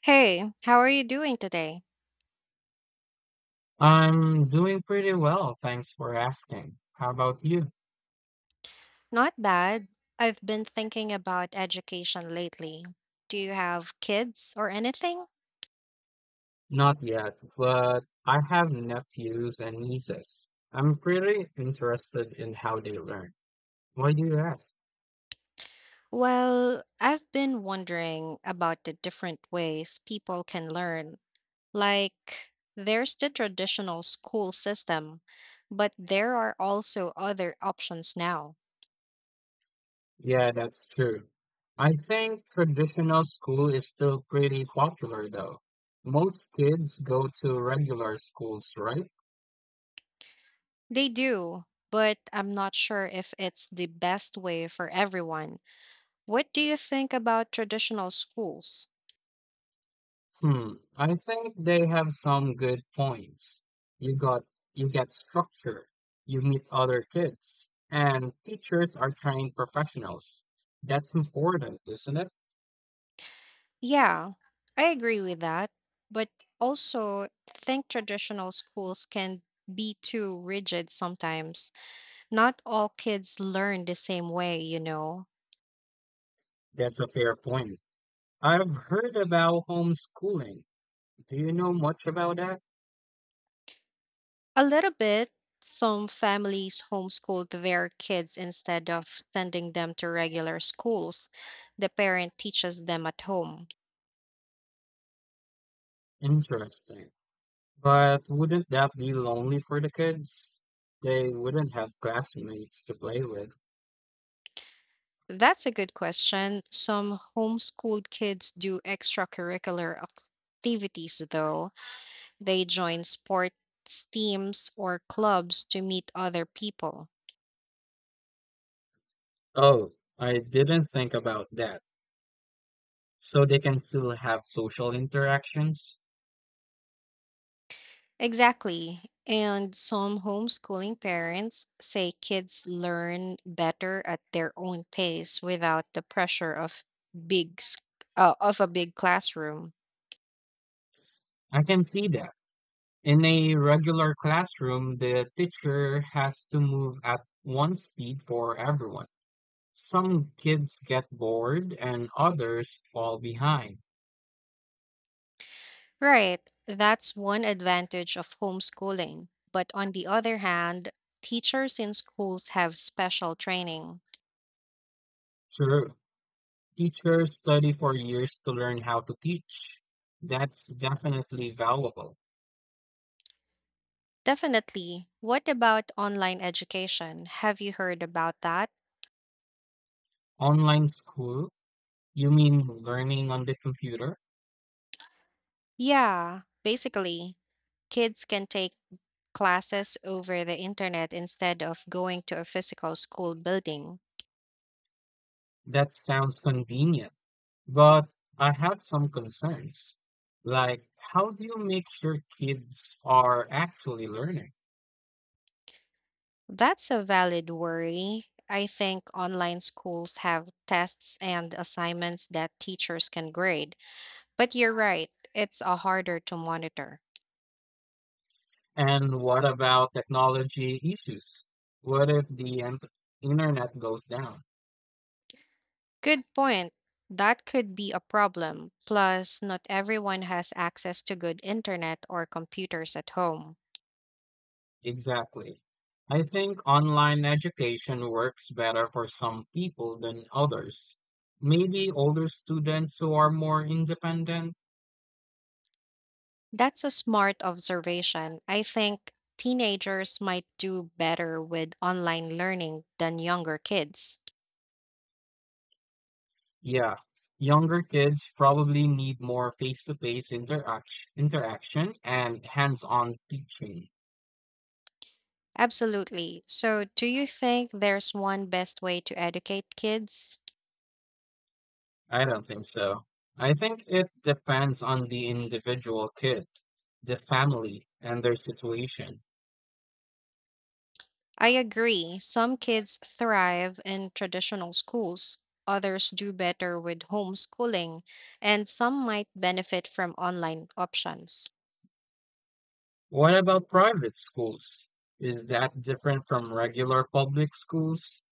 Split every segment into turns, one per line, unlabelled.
Hey, how are you doing today?
I'm doing pretty well, thanks for asking. How about you?
Not bad. I've been thinking about education lately. Do you have kids or anything?
Not yet, but I have nephews and nieces. I'm pretty interested in how they learn. Why do you ask?
Well, I've been wondering about the different ways people can learn. Like, there's the traditional school system, but there are also other options now.
Yeah, that's true. I think traditional school is still pretty popular though. Most kids go to regular schools, right?
They do, but I'm not sure if it's the best way for everyone. What do you think about traditional schools?
Hmm, I think they have some good points. You got you get structure, you meet other kids, and teachers are trained professionals. That's important, isn't it?
Yeah, I agree with that. But also, think traditional schools can be too rigid sometimes. Not all kids learn the same way, you know.
That's a fair point. I've heard about homeschooling. Do you know much about that?
A little bit, some families homeschool their kids instead of sending them to regular schools. The parent teaches them at home.
Interesting. But wouldn't that be lonely for the kids? They wouldn't have classmates to play with.
That's a good question. Some homeschooled kids do extracurricular activities, though. They join sports teams or clubs to meet other people.
Oh, I didn't think about that. So they can still have social interactions.
Exactly. And some homeschooling parents say kids learn better at their own pace without the pressure of big s- of a big classroom.
I can see that. In a regular classroom, the teacher has to move at one speed for everyone. Some kids get bored and others fall behind.
Right. That's one advantage of homeschooling. But on the other hand, teachers in schools have special training.
Sure, teachers study for years to learn how to teach. That's definitely valuable.
Definitely. What about online education? Have you heard about that?
Online school? You mean learning on the computer?
Yeah, basically, kids can take classes over the internet instead of going to a physical school building.
That sounds convenient, but I have some concerns. Like, how do you make sure kids are actually learning?
That's a valid worry. I think online schools have tests and assignments that teachers can grade. But you're right, it's a harder to monitor.
And what about technology issues? What if the internet goes down?
Good point. That could be a problem. Plus, not everyone has access to good internet or computers at home.
Exactly. I think online education works better for some people than others. Maybe older students who are more independent.
That's a smart observation. I think teenagers might do better with online learning than younger kids.
Yeah, younger kids probably need more face-to-face interaction and hands-on teaching.
Absolutely. So, do you think there's one best way to educate kids?
I don't think so. I think it depends on the individual kid, the family, and their situation.
I agree. Some kids thrive in traditional schools, others do better with homeschooling, and some might benefit from online options.
What about private schools? Is that different from regular public schools?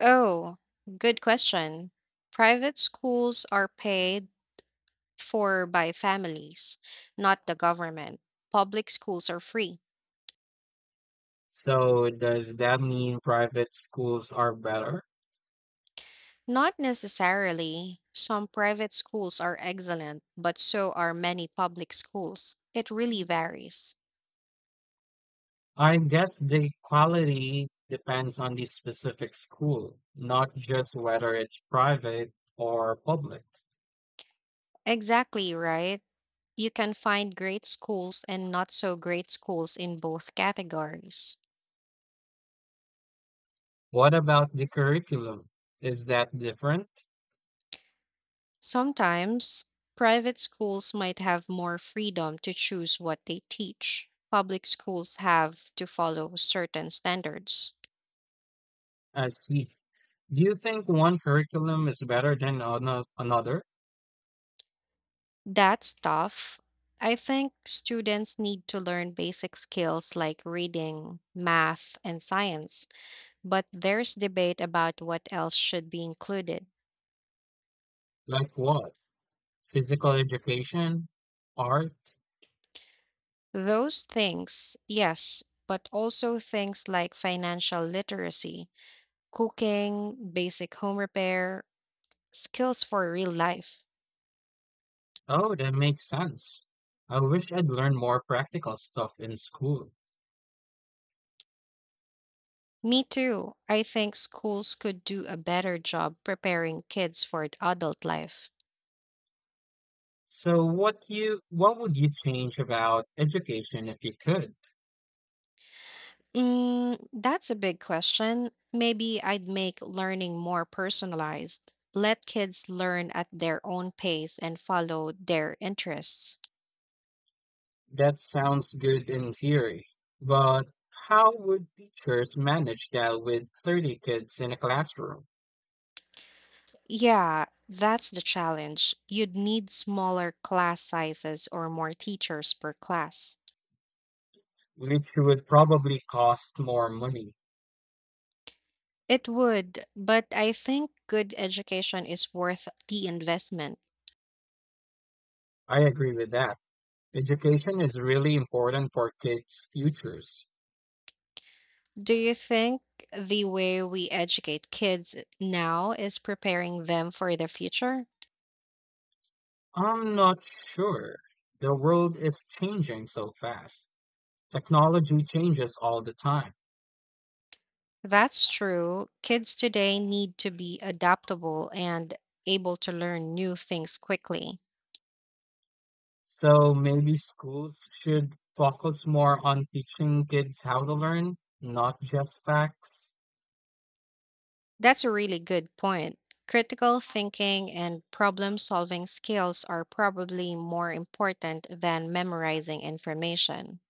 Oh, good question. Private schools are paid for by families, not the government. Public schools are free.
So does that mean private schools are better?
Not necessarily. Some private schools are excellent, but so are many public schools. It really varies.
I guess the quality depends on the specific school, not just whether it's private or public.
Exactly right. You can find great schools and not so great schools in both categories.
What about the curriculum? Is that different?
Sometimes, private schools might have more freedom to choose what they teach. Public schools have to follow certain standards.
I see. Do you think one curriculum is better than another?
That's tough. I think students need to learn basic skills like reading, math, and science, but there's debate about what else should be included.
Like what? Physical education? Art?
Those things, yes, but also things like financial literacy, cooking, basic home repair, skills for real life.
Oh, that makes sense. I wish I'd learned more practical stuff in school.
Me too. I think schools could do a better job preparing kids for adult life.
So what would you change about education if you could?
That's a big question. Maybe I'd make learning more personalized. Let kids learn at their own pace and follow their interests.
That sounds good in theory, but how would teachers manage that with 30 kids in a classroom,
Yeah, that's the challenge. You'd need smaller class sizes or more teachers per class.
which would probably cost more money?
It would, but I think good education is worth the investment.
I agree with that. Education is really important for kids' futures.
Do you think the way we educate kids now is preparing them for the future?
I'm not sure. The world is changing so fast. Technology changes all the time.
That's true. Kids today need to be adaptable and able to learn new things quickly.
So maybe schools should focus more on teaching kids how to learn, not just facts.
That's a really good point. Critical thinking and problem solving skills are probably more important than memorizing information.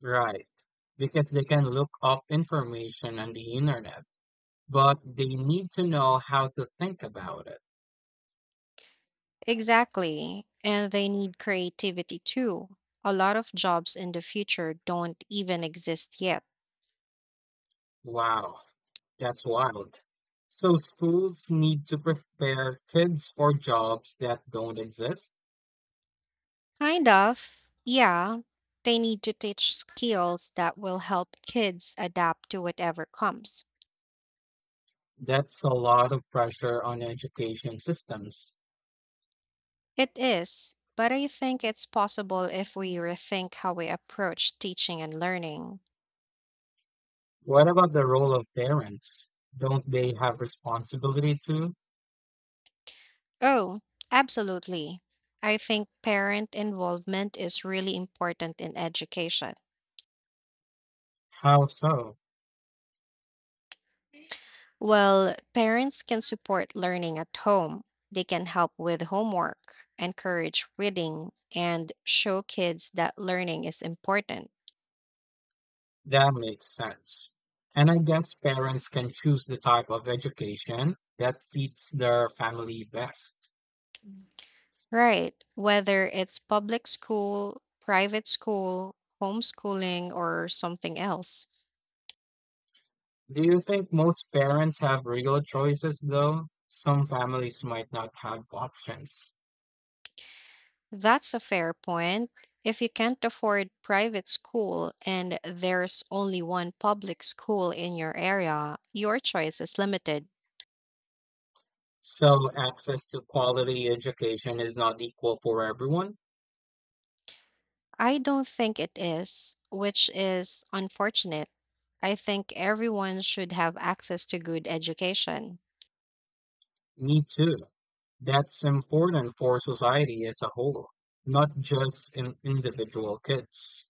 Right, because they can look up information on the internet, but they need to know how to think about it.
Exactly. And they need creativity too. A lot of jobs in the future don't even exist yet.
Wow, that's wild. So schools need to prepare kids for jobs that don't exist.
Kind of, yeah. They need to teach skills that will help kids adapt to whatever comes.
That's a lot of pressure on education systems.
It is, but I think it's possible if we rethink how we approach teaching and learning.
What about the role of parents? Don't they have responsibility too?
Oh, absolutely. I think parent involvement is really important in education.
How so?
Well, parents can support learning at home. They can help with homework, encourage reading, and show kids that learning is important.
That makes sense. And I guess parents can choose the type of education that fits their family best.
Right. Whether it's public school, private school, homeschooling, or something else.
Do you think most parents have real choices though? Some families might not have options.
That's a fair point. If you can't afford private school and there's only one public school in your area, your choice is limited.
So access to quality education is not equal for everyone?
I don't think it is, which is unfortunate. I think everyone should have access to good education.
Me too. That's important for society as a whole, not just in individual kids.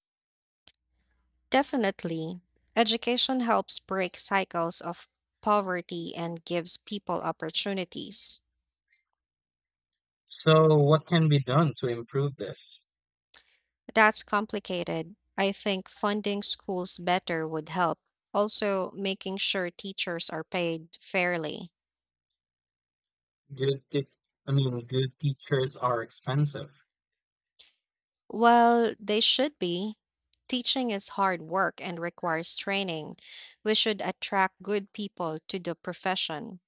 Definitely. Education helps break cycles of poverty and gives people opportunities.
So, what can be done to improve this?
That's complicated. I think funding schools better would help. Also, making sure teachers are paid fairly.
Good, t- I mean, good teachers are expensive.
Well, they should be. Teaching is hard work and requires training. We should attract good people to the profession.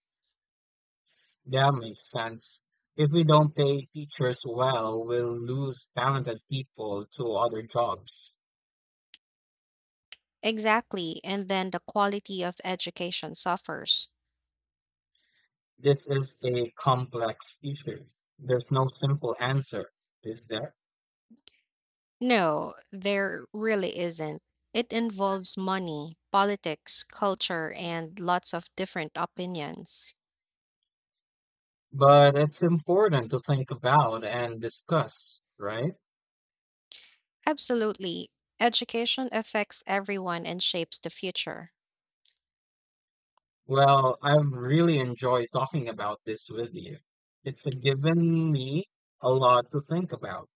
That makes sense. If we don't pay teachers well, we'll lose talented people to other jobs.
Exactly, and then the quality of education suffers.
This is a complex issue. There's no simple answer, is there?
No, there really isn't. It involves money, politics, culture, and lots of different opinions.
But it's important to think about and discuss, right?
Absolutely. Education affects everyone and shapes the future.
Well, I've really enjoyed talking about this with you. It's given me a lot to think about.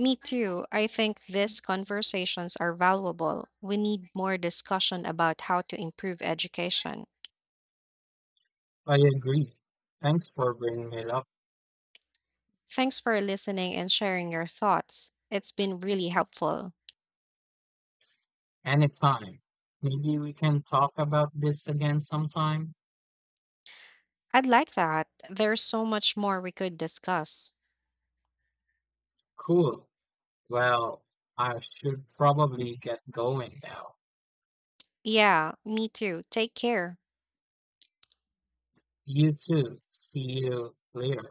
Me too. I think these conversations are valuable. We need more discussion about how to improve education.
I agree. Thanks for bringing it up.
Thanks for listening and sharing your thoughts. It's been really helpful.
Anytime. Maybe we can talk about this again sometime.
I'd like that. There's so much more we could discuss.
Cool. Well, I should probably get going now.
Yeah, me too. Take care.
You too. See you later.